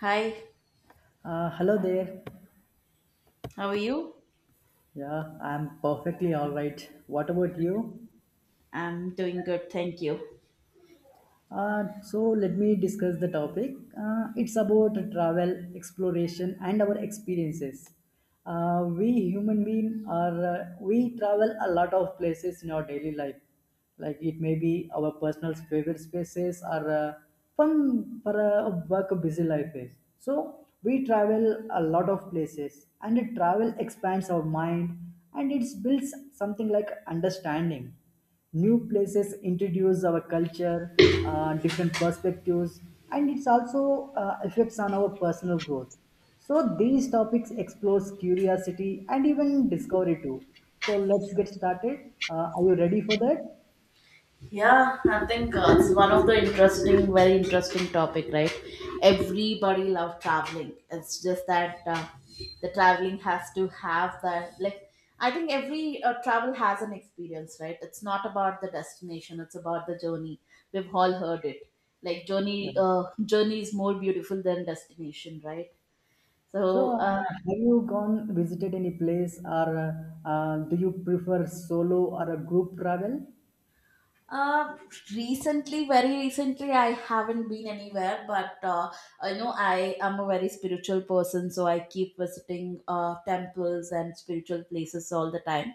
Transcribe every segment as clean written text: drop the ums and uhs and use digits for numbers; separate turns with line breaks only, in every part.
Hi,
Hello there.
how are you?
Yeah, I'm perfectly all right. What about you?
I'm doing good, thank you.
So let me discuss the topic. It's about travel, exploration, and our experiences. We human beings are we travel a lot of places in our daily life. Like it may be our personal favorite spaces or from for a work busy life is. So we travel a lot of places, and travel expands our mind, and it builds something like understanding new places introduce our culture, different perspectives, and it's also effects on our personal growth. So these topics explores curiosity and even discovery too. So let's get started. Are you ready for that?
Yeah, I think it's one of the interesting, very interesting topic, right? Everybody love traveling. It's just that the traveling has to have that. Like, I think every travel has an experience, right? It's not about the destination; it's about the journey. We've all heard it. Like,
Yeah.
journey is more beautiful than destination, right?
So
So, uh,
have you gone visited any place, or do you prefer solo or a group travel?
Uh, Recently, very recently, I haven't been anywhere, but I know I am a very spiritual person, so I keep visiting temples and spiritual places all the time.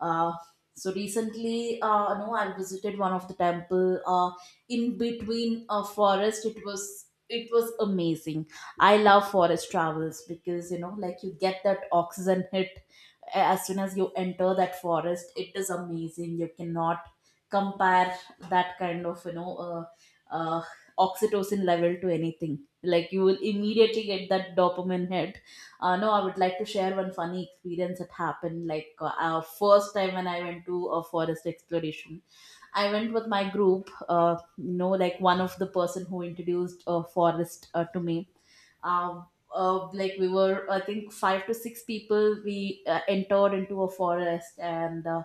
Uh, so recently, no, I visited one of the temple in between a forest. It was amazing. I love forest travels because, you know, like, you get that oxygen hit as soon as you enter that forest. It is amazing. You cannot compare that kind of, uh, oxytocin level to anything. Like, you will immediately get that dopamine hit. No, I would like to share one funny experience that happened. Like, first time when I went to a forest exploration, I went with my group. You know, like, one of the person who introduced a forest to me, um, like, we were, I think, five to six people. We entered into a forest, and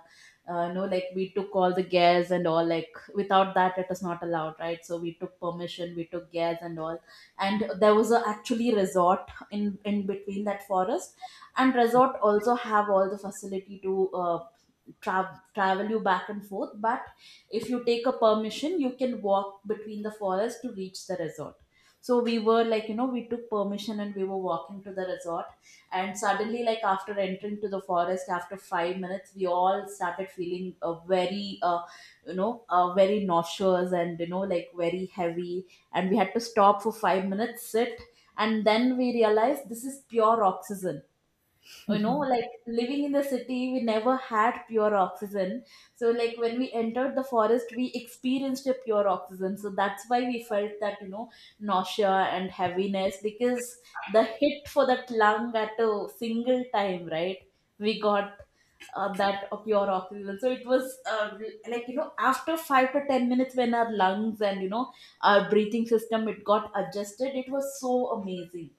no like, we took all the gas and all, like, without that it is not allowed, right? So we took permission, we took gas and all, and there was a actually resort in between that forest, and resort also have all the facility to travel you back and forth. But if you take a permission, you can walk between the forest to reach the resort. So we were, like, you know, we took permission and we were walking to the resort, and suddenly, like, after entering to the forest, after 5 minutes, we all started feeling very, very nauseous, and, you know, like, very heavy. And we had to stop for 5 minutes, sit, and then we realized this is pure oxygen. You know, like, living in the city, we never had pure oxygen. So, like, when we entered the forest, we experienced a pure oxygen, so that's why we felt that, you know, nausea and heaviness, because the hit for that lung at a single time, right? We got that of pure oxygen. So it was like, you know, after 5 to 10 minutes, when our lungs and, you know, our breathing system, it got adjusted. It was so amazing.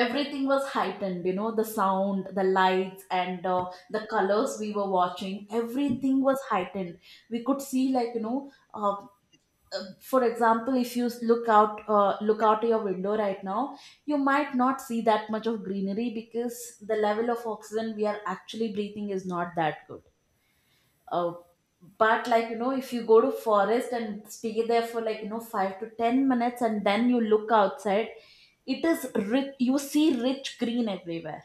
Everything was heightened, you know, the sound, the lights, and the colors we were watching, everything was heightened. We could see, like, for example, if you look out your window right now, you might not see that much of greenery, because the level of oxygen we are actually breathing is not that good. uh, but, like, you know, if you go to forest and stay there for, like, you know, 5 to 10 minutes, and then you look outside, it is rich, you see rich green everywhere,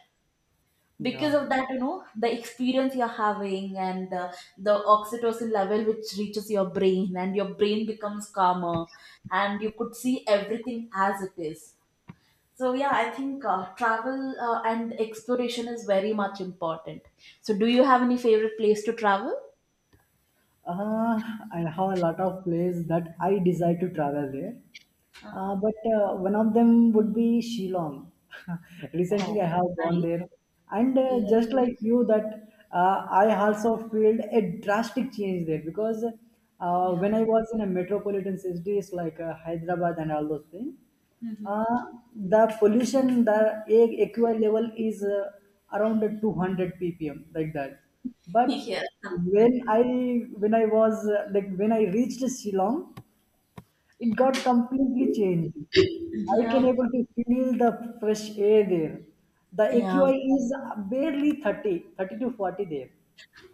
Yeah.
because of that, you know, the experience you're having and the oxytocin level, which reaches your brain, and your brain becomes calmer, and you could see everything as it is. So yeah, I think travel and exploration is very much important. So do you have any favorite place to travel?
Uh, I have a lot of places that I desire to travel there. But one of them would be Shillong. Recently, I
Oh,
have gone
nice.
there, and
Yeah.
just like you, that I also feel a drastic change there because
Yeah.
when I was in a metropolitan cities like Hyderabad and all those things,
Hmm.
uh, the pollution, the a AQI level is around 200 ppm, like that. But
Yeah.
when I was like when I reached Shillong, it got completely changed. I can
Yeah.
able to feel the fresh air there. The
Yeah.
AQI is barely 30, 30 to 40 there.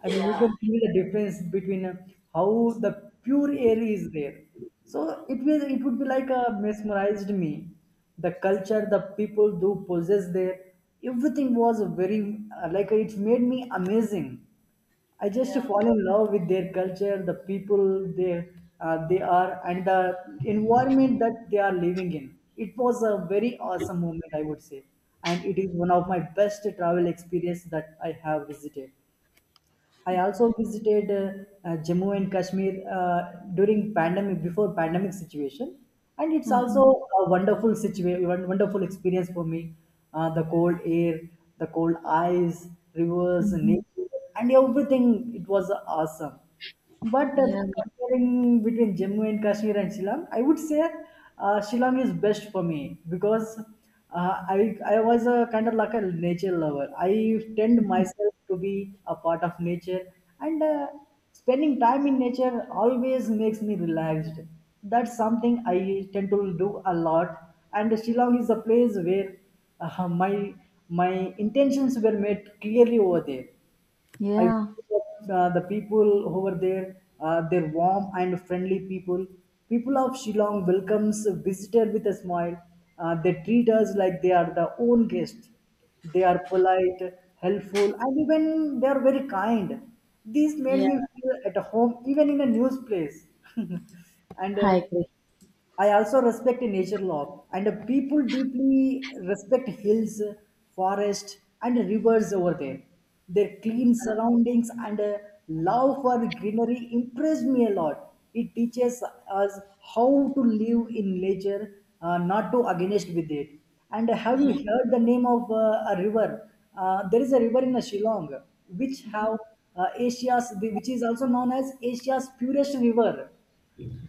I mean, you
Yeah.
can feel the difference between how the pure air is there. So it would be like a mesmerized me. The culture, the people do possess there, everything was very like it made me amazing. I just
Yeah.
fall in love with their culture, the people they are, and the environment that they are living in. It was a very awesome moment, I would say, and it is one of my best travel experience that I have visited. I also visited Jammu and Kashmir during pandemic before pandemic situation, and it's
Mhm.
also a wonderful situation, wonderful experience for me. The cold air, the cold eyes, rivers,
Mhm.
nature, and everything. It was awesome. But
Yeah.
Comparing between Jammu and Kashmir and Shillong, I would say Shillong is best for me because I was a kind of like a nature lover. I tend myself to be a part of nature, and spending time in nature always makes me relaxed. That's something I tend to do a lot. And Shillong is a place where uh, my my intentions were made clearly over there. I
Yeah.
feel that the people over there, they're warm and friendly people. People of Shillong welcomes a visitor with a smile. They treat us like they are their own guests. They are polite, helpful, and even they are very kind. This made
Yeah.
me feel at home, even in a new place. and
I agree.
I also respect nature law, and people deeply respect hills, forests, and rivers over there. Their
Yeah.
clean surroundings and love for greenery impress me a lot. It teaches us how to live in nature, not to against with it. And have
Yeah.
you heard the name of a river? There is a river in Shillong, which have Asia's, which is also known as Asia's purest river.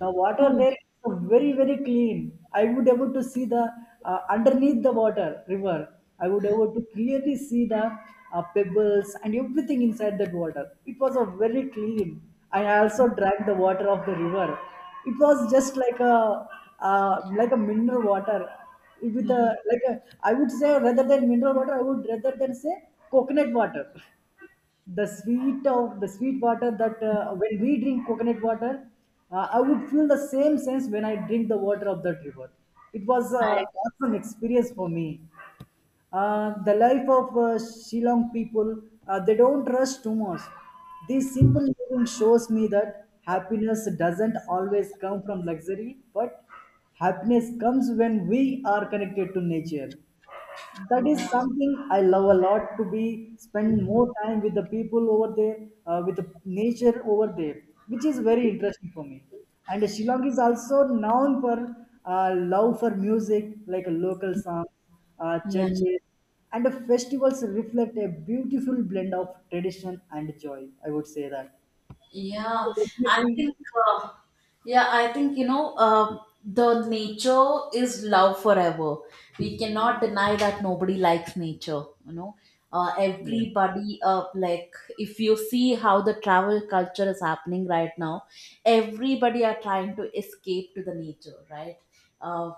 The water
Oh.
there is so very very clean. I would able to see the underneath the water river. I would able to clearly see the pebbles and everything inside that water. It was a very clean. I also drank the water of the river. It was just like a mineral water with a
Hmm.
like a, I would say rather than mineral water, I would rather than say coconut water. The sweet of the sweet water that when we drink coconut water, I would feel the same sense when I drink the water of that river. It was
I
an
agree.
awesome experience for me. The life of Shillong people, they don't rush too much. This simple living shows me that happiness doesn't always come from luxury, but happiness comes when we are connected to nature. That is
Yeah.
something I love a lot to be spend more time with the people over there, with the nature over there, which is very interesting for me. And Shillong is also known for love for music, like local songs,
Yeah.
churches, and the festivals reflect a beautiful blend of tradition and joy, I would say that. So
Yeah, I
definitely.
think, uh, yeah, I think, you know, the nature is love forever. We cannot deny that nobody likes nature, you know.
Yeah,
Everybody, like, if you see how the travel culture is happening right now, everybody are trying to escape to the nature, right? Uh,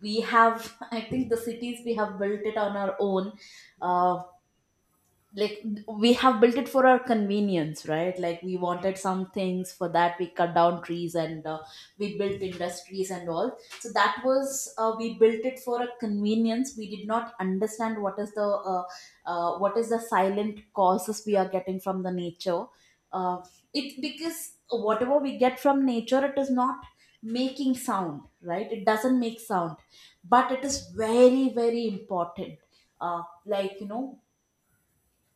we have, I think, the cities we have built it on our own. Uh, like we have built it for our convenience, right? Like, we wanted some things, for that we cut down trees and we built industries and all. So that was we built it for a convenience. We did not understand what is the, uh, what is the silent causes we are getting from the nature. uh, it, because whatever we get from nature, it is not making sound, right? It doesn't make sound, but it is very very important. Uh, like, you know,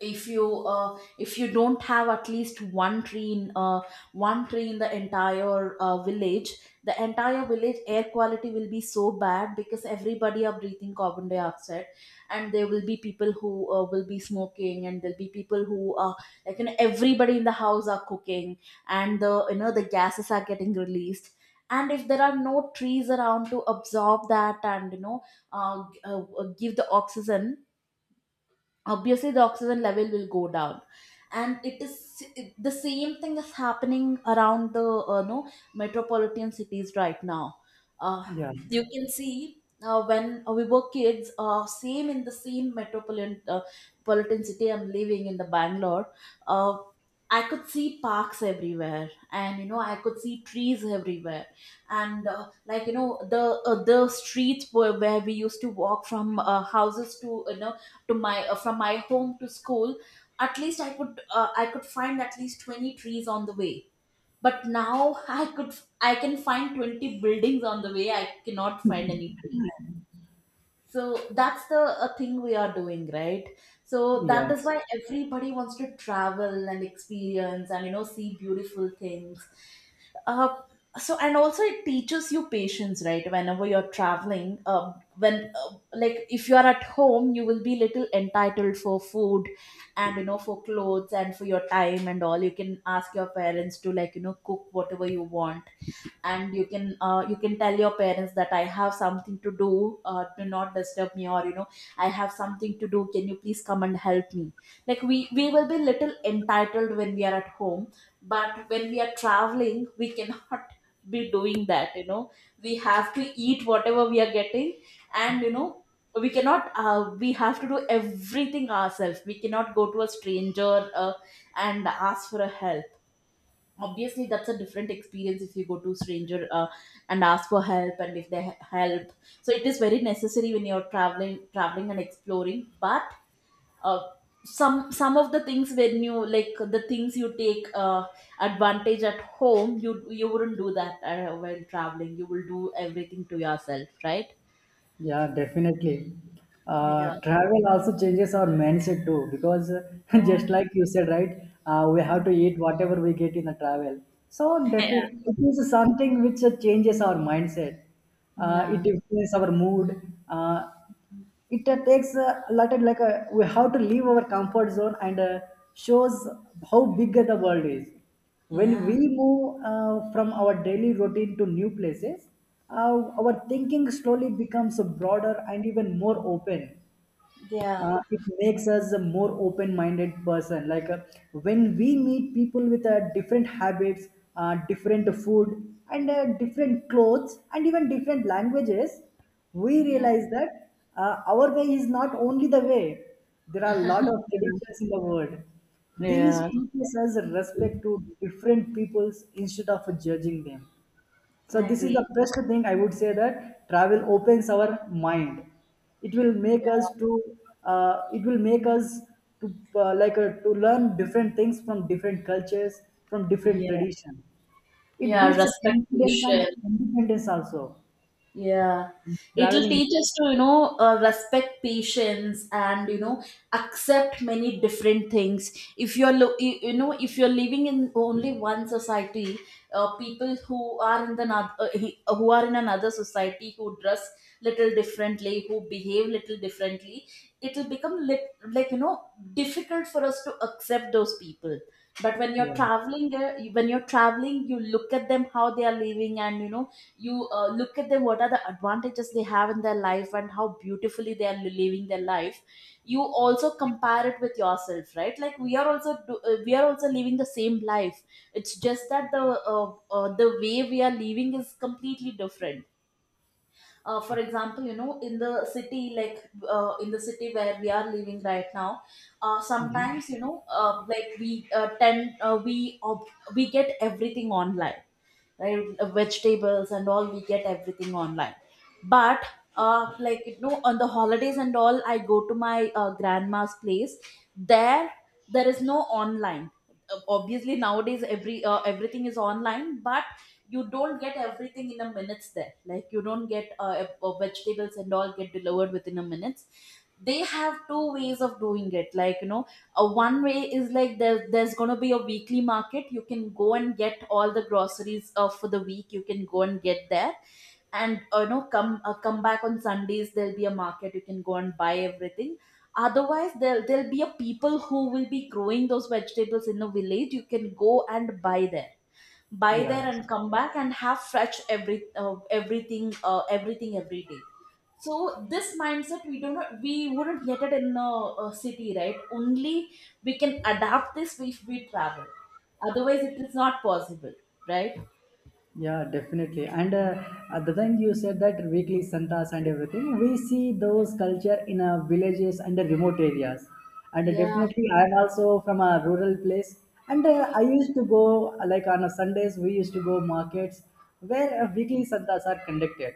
if you don't have at least one tree in the entire village, the entire village air quality will be so bad, because everybody are breathing carbon dioxide, and there will be people who will be smoking, and there'll be people who are, like, you know, everybody in the house are cooking, and the, you know, the gases are getting released. And if there are no trees around to absorb that, and, you know, give the oxygen, obviously the oxygen level will go down. And it is, the same thing is happening around the, no metropolitan cities right now. Uh,
yeah,
you can see, when we were kids, same in the same metropolitan politan city, I'm living in the Bangalore. Uh, I could see parks everywhere, and, you know, I could see trees everywhere, and, like, you know, the streets where we used to walk from houses to, you know, to my from my home to school, at least I could, I could find at least 20 trees on the way. But now I could, I can find 20 buildings on the way, I cannot find any tree. So that's the a thing we are doing, right? So
yeah.
that is why everybody wants to travel and experience and, you know, see beautiful things. Uh, so and also it teaches you patience, right? Whenever you're traveling, when like, if you are at home, you will be little entitled for food, and, you know, for clothes and for your time and all. You can ask your parents to, like, you know, cook whatever you want. And you can, you can tell your parents that I have something to do, do not disturb me, or, you know, I have something to do, can you please come and help me. Like, we will be little entitled when we are at home, but when we are traveling, we cannot be doing that, you know. We have to eat whatever we are getting, and, you know, we cannot, we have to do everything ourselves. We cannot go to a stranger, and ask for a help. Obviously that's a different experience if you go to stranger and ask for help and if they help. So it is very necessary when you're traveling and exploring. But uh, some of the things, when you, like, the things you take advantage at home, you wouldn't do that while traveling, you will do everything to yourself, right?
Yeah, definitely. Uh,
Yeah.
travel also changes our mindset too because,
Yeah.
just like you said, right? We have to eat whatever we get in the travel. So
Yeah.
definitely, it is something which changes our mindset. Uh,
Yeah.
it influences our mood. It takes a lot of like a, we have to leave our comfort zone and shows how big the world is. When we
Yeah.
move from our daily routine to new places, our thinking slowly becomes broader and even more open.
Yeah.
It makes us a more open-minded person, like when we meet people with different habits, different food, and different clothes, and even different languages, we
Yeah.
realize that our way is not only the way. There are a lot of traditions in the world. These
Yeah.
teaches us respect to different peoples instead of judging them. So
I
this is the
agree.
best thing I would say that travel opens our mind. It will make us to uh, it will make us like to learn different things from different cultures, from different
Yeah.
tradition. It
Yeah.
builds a confidence and
Respectation.
independence also.
Yeah, it'll
Traveling,
teach us to, you know, respect patience and, you know, accept many different things. If you're, you, you know, if you're living in only one society, people who are in the who are in another society, who dress little differently, who behave little differently, it'll become like, you know, difficult for us to accept those people. But
yeah.
when you're traveling, you look at them how they are living and you know You look at them what are the advantages they have in their life and how beautifully they are living their life. You also compare it with yourself, right? Like we are also we are also living the same life. It's just that the way we are living is completely different. For example, you know, in the city, like in the city where we are living right now,
Mhm.
sometimes you know, like we tend, we we get everything online, right? Vegetables and all, we get everything online. But like you know, on the holidays and all, I go to my grandma's place. there there is no online. Obviously nowadays everything is online, but you don't get everything in a minutes there. Like you don't get vegetables and all get delivered within a minutes. They have two ways of doing it, like you know. One way is like there's going to be a weekly market. You can go and get all the groceries for the week, you can go and get there. And you know, come back on Sundays, there'll be a market, you can go and buy everything. Otherwise, there, there'll be a people who will be growing those vegetables in a village. You can go and buy there, buy
Yeah.
there and come back and have fresh everything everything every day. So this mindset we do not we wouldn't get it in a city, right, only. We can adapt this if we travel, otherwise it is not possible, right?
Yeah, definitely. And At the time you said that weekly santas and everything, we see those culture in villages and the remote areas. And
Yeah,
Definitely, I'm also from a rural place. And I used to go, like on a Sundays, we used to go markets where weekly santas are conducted,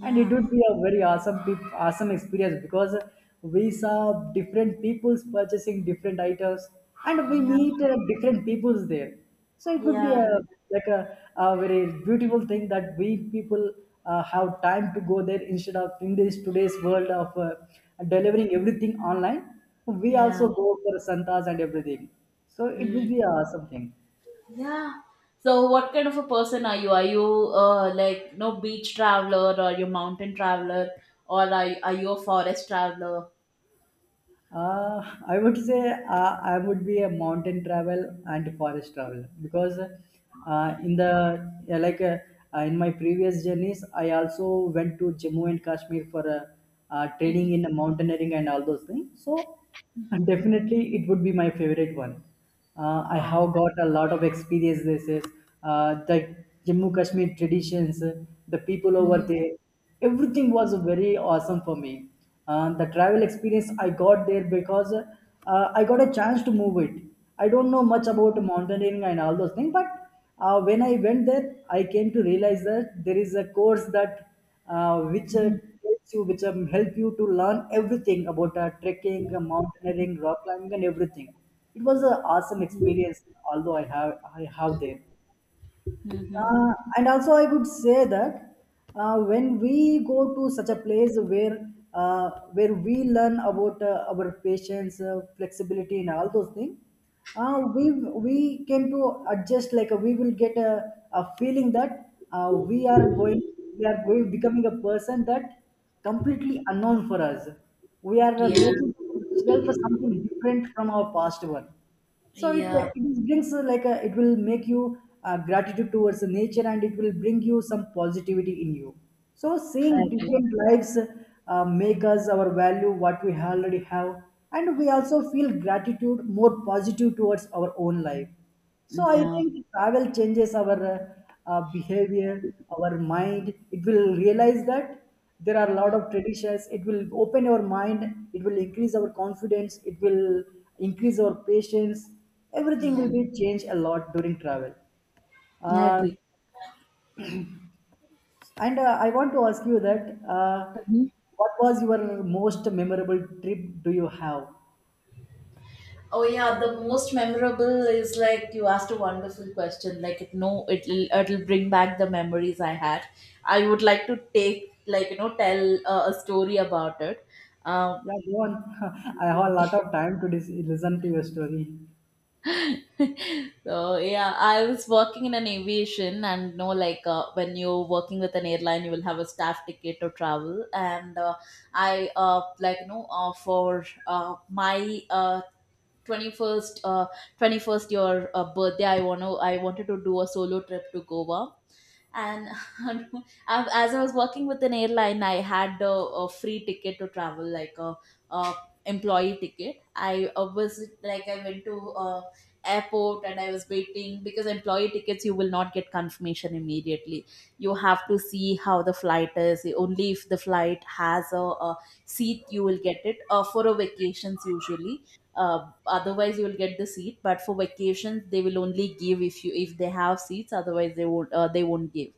and it would be a very awesome experience because we saw different people's purchasing different items, and we
yeah,
meet different people's there. So it would be
yeah,
a like a very beautiful thing that we people have time to go there instead of in this today's world of delivering everything online. We
yeah.
also go for santas and everything, so it will be a
Mm.
awesome thing.
Yeah. So what kind of a person are you? Like, no, beach traveler or you mountain traveler? Or are you a forest traveler?
I would say I would be a mountain travel and forest travel because in the yeah, like in my previous journeys, I also went to Jammu and Kashmir for training
Mhm.
in mountaineering and all those things. So and definitely, it would be my favorite one. I
Um,
have got a lot of experiences, the Jammu Kashmir traditions, the people over
mhm.
there. Everything was very awesome for me. The travel experience I got there because I got a chance to move it. I don't know much about mountaineering and all those things, but when I went there, I came to realize that there is a course that which
Mhm.
tells you, which help you to learn everything about trekking, mountaineering, rock climbing, and everything. It was an awesome experience, although I have there.
Mhm.
And also, I would say that when we go to such a place where we learn about our patience, flexibility, and all those things, we came to adjust. Like we will get a feeling that we are going becoming a person that completely unknown for us. We are
Yeah.
making ourselves something different from our past one. So it, uh,
Yeah.
it brings like a, it will make you gratitude towards the nature, and it will bring you some positivity in you. So
I
seeing
agree.
different lives make us our value what we already have, and we also feel gratitude more positive towards our own life. So I
Yeah.
think travel changes our behavior, our mind. It will realize that there are a lot
Mm,
of traditions. It will open your mind. It will increase our confidence. It will increase our patience. Everything
yeah.
will be changed a lot during travel.
I
Uh,
agree.
and I want to ask you that
Mhm.
what was your most memorable trip do you have?
Oh yeah, the most memorable is like you asked a wonderful question. Like it, no, it'll bring back the memories I had. I would like to take, like, tell a story about it. Um,
Yeah, go on. I have a lot of time to listen to your story.
So yeah, I was working in an aviation, and you know, like when you're working with an airline, you will have a staff ticket to travel. And I like you know, for my 21st 21st year birthday, I wanted to do a solo trip to Goa, and um, as I was working with an airline, I had a free ticket to travel, like a employee ticket. I was like I went to airport, and I was waiting because employee tickets, you will not get confirmation immediately. You have to see how the flight is. Only if the flight has a seat, you will get it, for a vacations usually. Otherwise, you will get the seat, but for vacations, they will only give if they have seats, otherwise they won't, they won't give.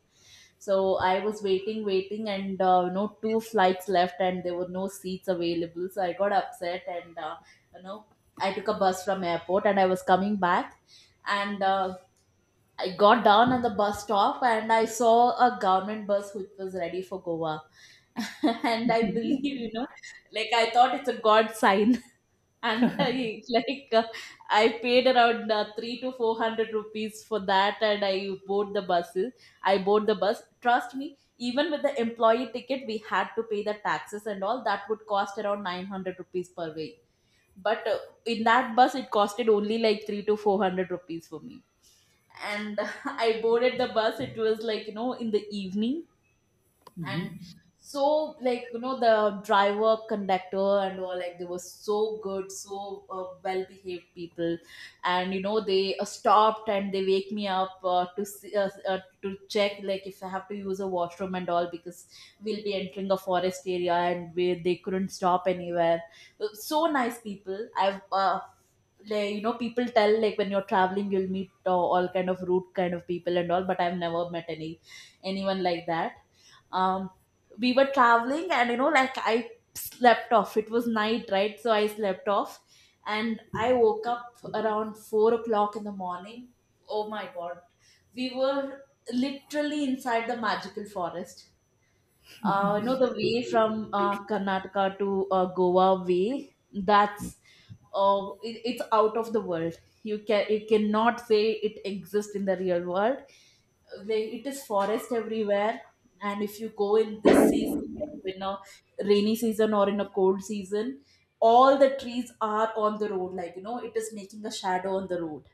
So I was waiting, waiting, and you know, two flights left, and there were no seats available. So I got upset, and you know, I took a bus from airport, and I was coming back, and I got down at the bus stop, and I saw a government bus which was ready for Goa, and I believe, you know, like I thought it's a god sign. And I paid around three to four hundred rupees for that, and I bought the buses. I bought the bus. Trust me, even with the employee ticket, we had to pay the taxes and all. That would cost around 900 rupees per way. But in that bus, it costed only like three to four hundred rupees for me. And I boarded the bus. It was, like you know, in the evening.
Hmm.
And so, like you know, the driver, conductor, and all, like, they were so good, so well behaved people. And you know, they stopped, and they wake me up to see, to check, like, if I have to use a washroom and all because we'll be entering a forest area, and they couldn't stop anywhere. So nice people. I've like you know, people tell like when you're traveling, you'll meet all kind of rude kind of people and all, but I've never met anyone like that. um we were traveling, and you know, like, I slept off. It was night, right? So I slept off, and I woke up around 4 o'clock in the morning. Oh my god, we were literally inside the magical forest. Uh, you know, the way from Karnataka to Goa way, that's it's out of the world. You cannot say it exists in the real world. It is forest everywhere. And if you go in this season, like in a rainy season or in a cold season, all the trees are on the road, like you know, it is making a shadow on the road.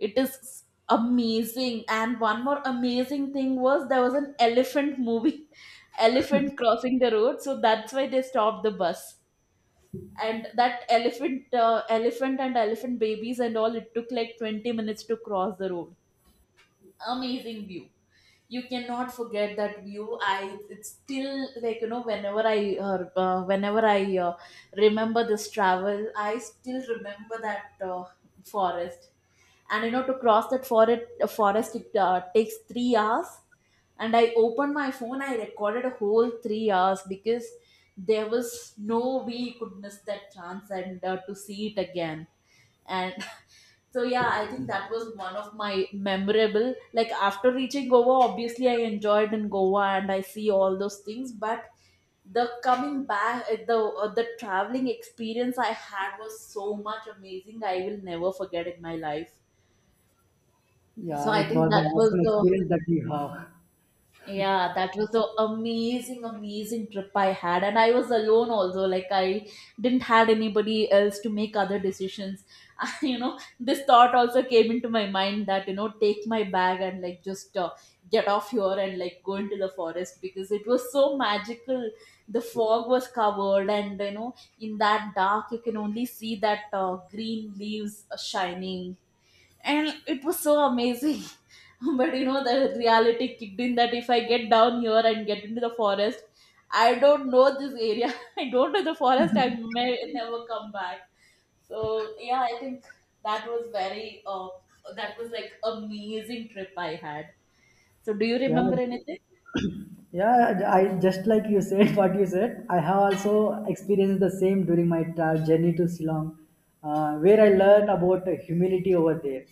It is amazing. And one more amazing thing was, there was an elephant movie, elephant crossing the road, so that's why they stopped the bus. And that elephant, elephant and elephant babies and all, it took like 20 minutes to cross the road. Amazing view. You cannot forget that view. I It's still, like you know, whenever I remember this travel, I still remember that forest. And you know, to cross that forest it takes 3 hours. And I opened my phone, I recorded a whole 3 hours because there was no way you could miss that chance and to see it again. And so yeah, I think that was one of my memorable. Like, after reaching Goa, obviously I enjoyed in Goa and I see all those things, but the coming back, the traveling experience I had was so much amazing. I will never forget in my life. So
Yeah, it
I think
was an
that was
awesome
the.
experience that you have.
Yeah, that was an amazing, amazing trip I had. And I was alone also. Like, I didn't had anybody else to make other decisions. You know, this thought also came into my mind that, take my bag and like just get off here and like go into the forest because it was so magical. The fog was covered and, in that dark, you can only see that green leaves shining, and it was so amazing. But you know, the reality kicked in that if I get down here and get into the forest, I don't know this area. I don't know the forest. I may never come back. So yeah, I think that was very uh, that was like amazing trip I had. So do you
Yeah,
remember anything?
yeah. I just like you said what you said. I have also experienced the same during my journey to Shillong, where I learned about humility over there.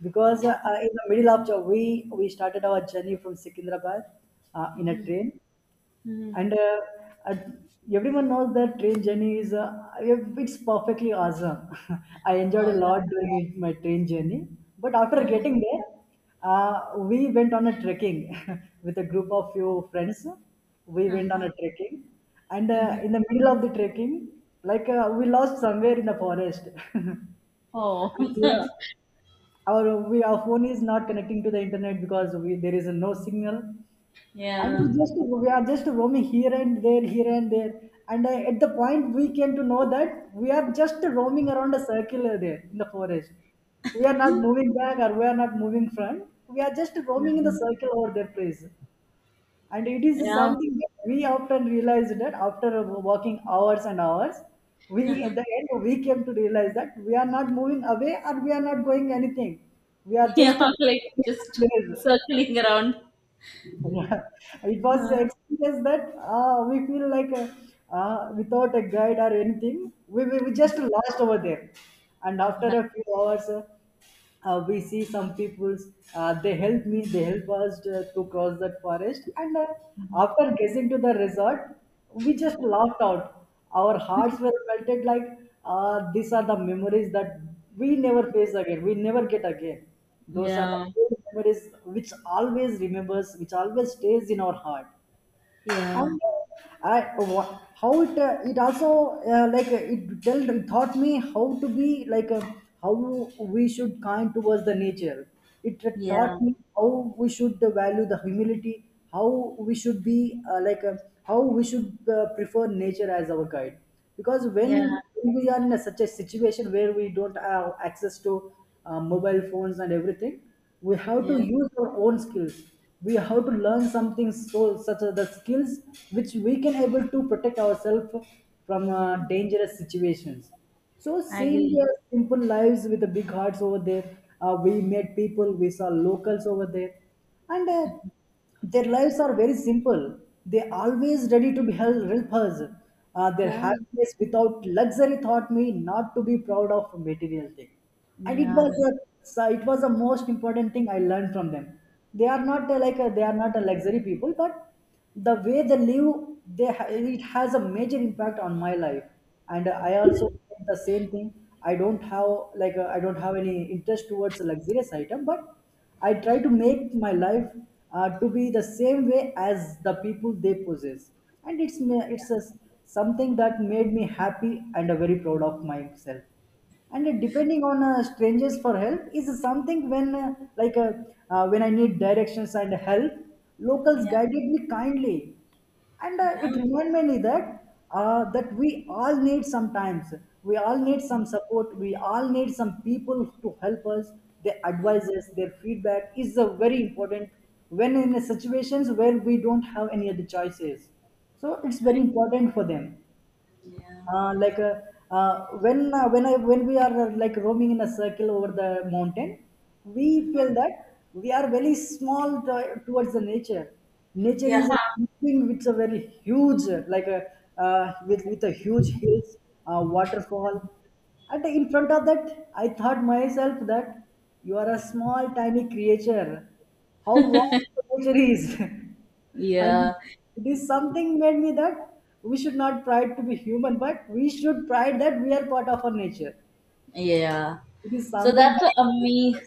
Because
Oh.
in the middle of Jo- we started our journey from Secunderabad in a
Hmm.
train,
Hmm.
and uh, everyone knows that train journey is it's perfectly awesome I enjoyed
Oh,
a lot
yeah,
during my train journey. But after
yeah.
getting there, we went on a trekking with a group of few friends. We went on
Uh-huh.
a trekking, and
Hmm.
in the middle of the trekking, like we lost somewhere in the forest.
Oh.
and we are- our We our phone is not connecting to the internet because we, there is no signal.
Yeah,
And we just, we are just roaming here and there, here and there. And at the point we came to know that we are just roaming around a circular there in the forest. We are not moving back or we are not moving front, we are just roaming in the circle over their place. And it is
yeah.
something that we often realize that after walking hours and hours, we at the end we came to realize that we are not moving away or we are not going anything, we are just
Yeah, like
roaming in a
just
place.
circling around.
Yeah, it was experience that we feel like without a guide or anything, we just lost over there. And after a few hours, we see some people's. They help me they help us to cross that forest. And after getting to the resort, we just laughed out, our hearts were melted. Like these are the memories that we never face again, we never get again. Those are the
Yeah,
old memories which always remembers, which always stays in our heart.
yeah,
And how it, it also it tell taught me how to be like how we should kind towards the nature. It taught
yeah,
me how we should value the humility, how we should be how we should prefer nature as our guide. Because
yeah,
when we are in a, such a situation where we don't have access to mobile phones and everything, we have to
yeah.
use our own skills. We have to learn something so such as the skills which we can able to protect ourselves from dangerous situations. So
I
seeing
agree.
their simple lives with the big hearts over there, we met people, we saw locals over there. And their lives are very simple. They always ready to help us. Their
Yeah,
happiness without luxury taught me not to be proud of material thing. And it was
yeah,
a So it was the most important thing I learned from them. They are not they are not a luxury people, but the way they live, it has a major impact on my life. And I also think the same thing. I don't have like I don't have any interest towards luxurious item, but I try to make my life to be the same way as the people they possess. It's a, something that made me happy and very proud of myself. And depending on strangers for help is something when when I need directions and help, locals
yeah,
guided me kindly. And
yeah,
it reminded me that that we all need sometimes, we all need some support, we all need some people to help us. Their
yeah,
advices, their feedback is very important when in situations where we don't have any other choices. So it's very
I,
important for them.
yeah,
uh, like uh, when I, when we are like roaming in a circle over the mountain, we feel that we are very small to, towards the nature. Nature
yeah,
is something which is very huge, like a with a huge hills, waterfall. And in front of that, I thought myself that you are a small, tiny creature. How vast the nature is. And
yeah,
it is something made me that we should not pride to be human, but we should pride that we are part of our nature.
yeah.
It is
So
something
that's a
that
me.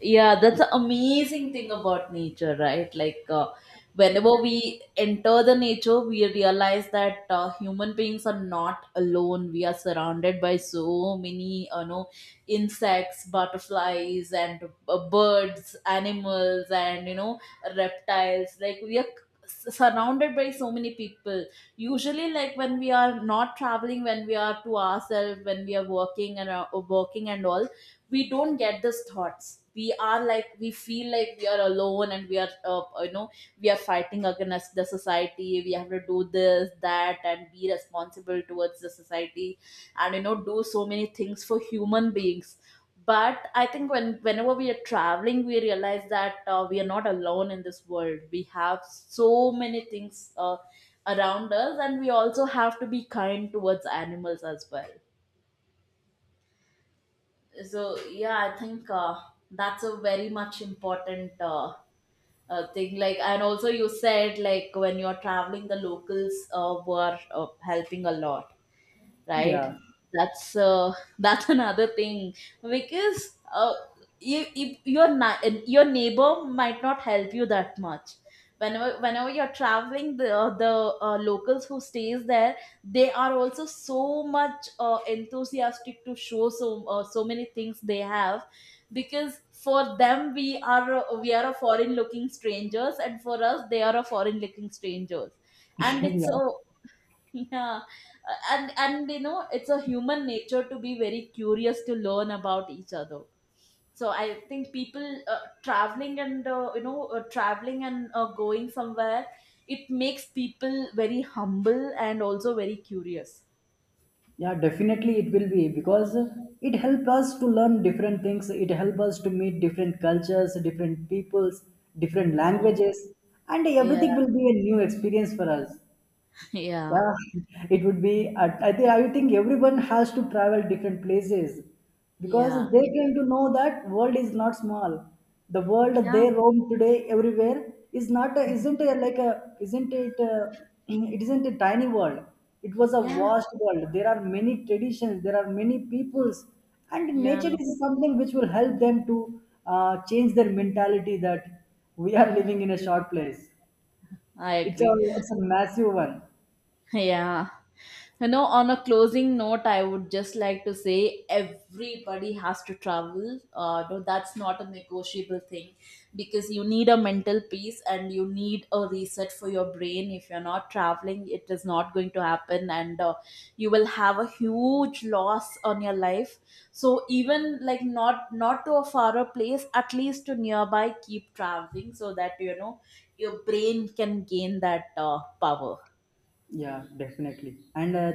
Yeah, that's the amazing thing about nature, right? Like, whenever we enter the nature, we realize that human beings are not alone. We are surrounded by so many, you know, insects, butterflies, and birds, animals, and you know, reptiles. Like, we are surrounded by so many people. Usually, like, when we are not traveling, when we are to ourselves, when we are working and, working and all, we don't get these thoughts. We are like, we feel like we are alone, and we are fighting against the society. We have to do this, that, and be responsible towards the society and, you know, do so many things for human beings. But I think whenever we are traveling, we realize that we are not alone in this world. We have so many things around us, and we also have to be kind towards animals as well. So yeah, I think that's a very much important, thing. Like, and also you said like when you're traveling, the locals were helping a lot, right?
yeah.
That's that's another thing. Because your neighbor might not help you that much. Whenever you're traveling, the locals who stays there, they are also so much enthusiastic to show so, so many things they have. Because for them, we are, we are a foreign looking strangers, and for us, they are a foreign looking strangers. And it's
Yeah,
a. Yeah. And you know, it's a human nature to be very curious to learn about each other. So I think people, traveling and, you know, traveling and going somewhere, it makes people very humble and also very curious.
yeah, definitely it will be because it helps us to learn different things, it helps us to meet different cultures, different peoples, different
Yeah,
languages, and everything
yeah.
will be a new experience for us.
Yeah,
Yeah, it would be. I think I think everyone has to travel different places, because
yeah,
they
yeah,
came to know that world is not small. The world they
yeah,
roam today everywhere is not a, isn't a, like a, isn't it a, it isn't a tiny world. It was a
yeah,
vast world. There are many traditions. There are many peoples, and
yeah.
nature is something which will help them to change their mentality that we are living in a short place.
I
It's a
agree.
it's a massive one.
Yeah. You know, on a closing note, I would just like to say, everybody has to travel. No, that's not a negotiable thing because you need a mental peace, and you need a reset for your brain. If you're not traveling, it is not going to happen, and you will have a huge loss on your life. So even like not to a faraway place, at least to nearby, keep traveling so that you know your brain can gain that power.
Yeah, definitely. And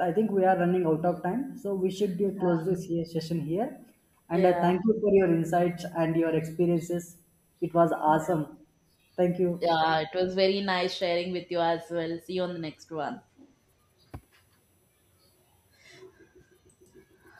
I think we are running out of time, so we should be close session here. And
Yeah.
thank you for your insights and your experiences. It was awesome. Thank you.
Yeah, it was very nice sharing with you as well. See you on the next one.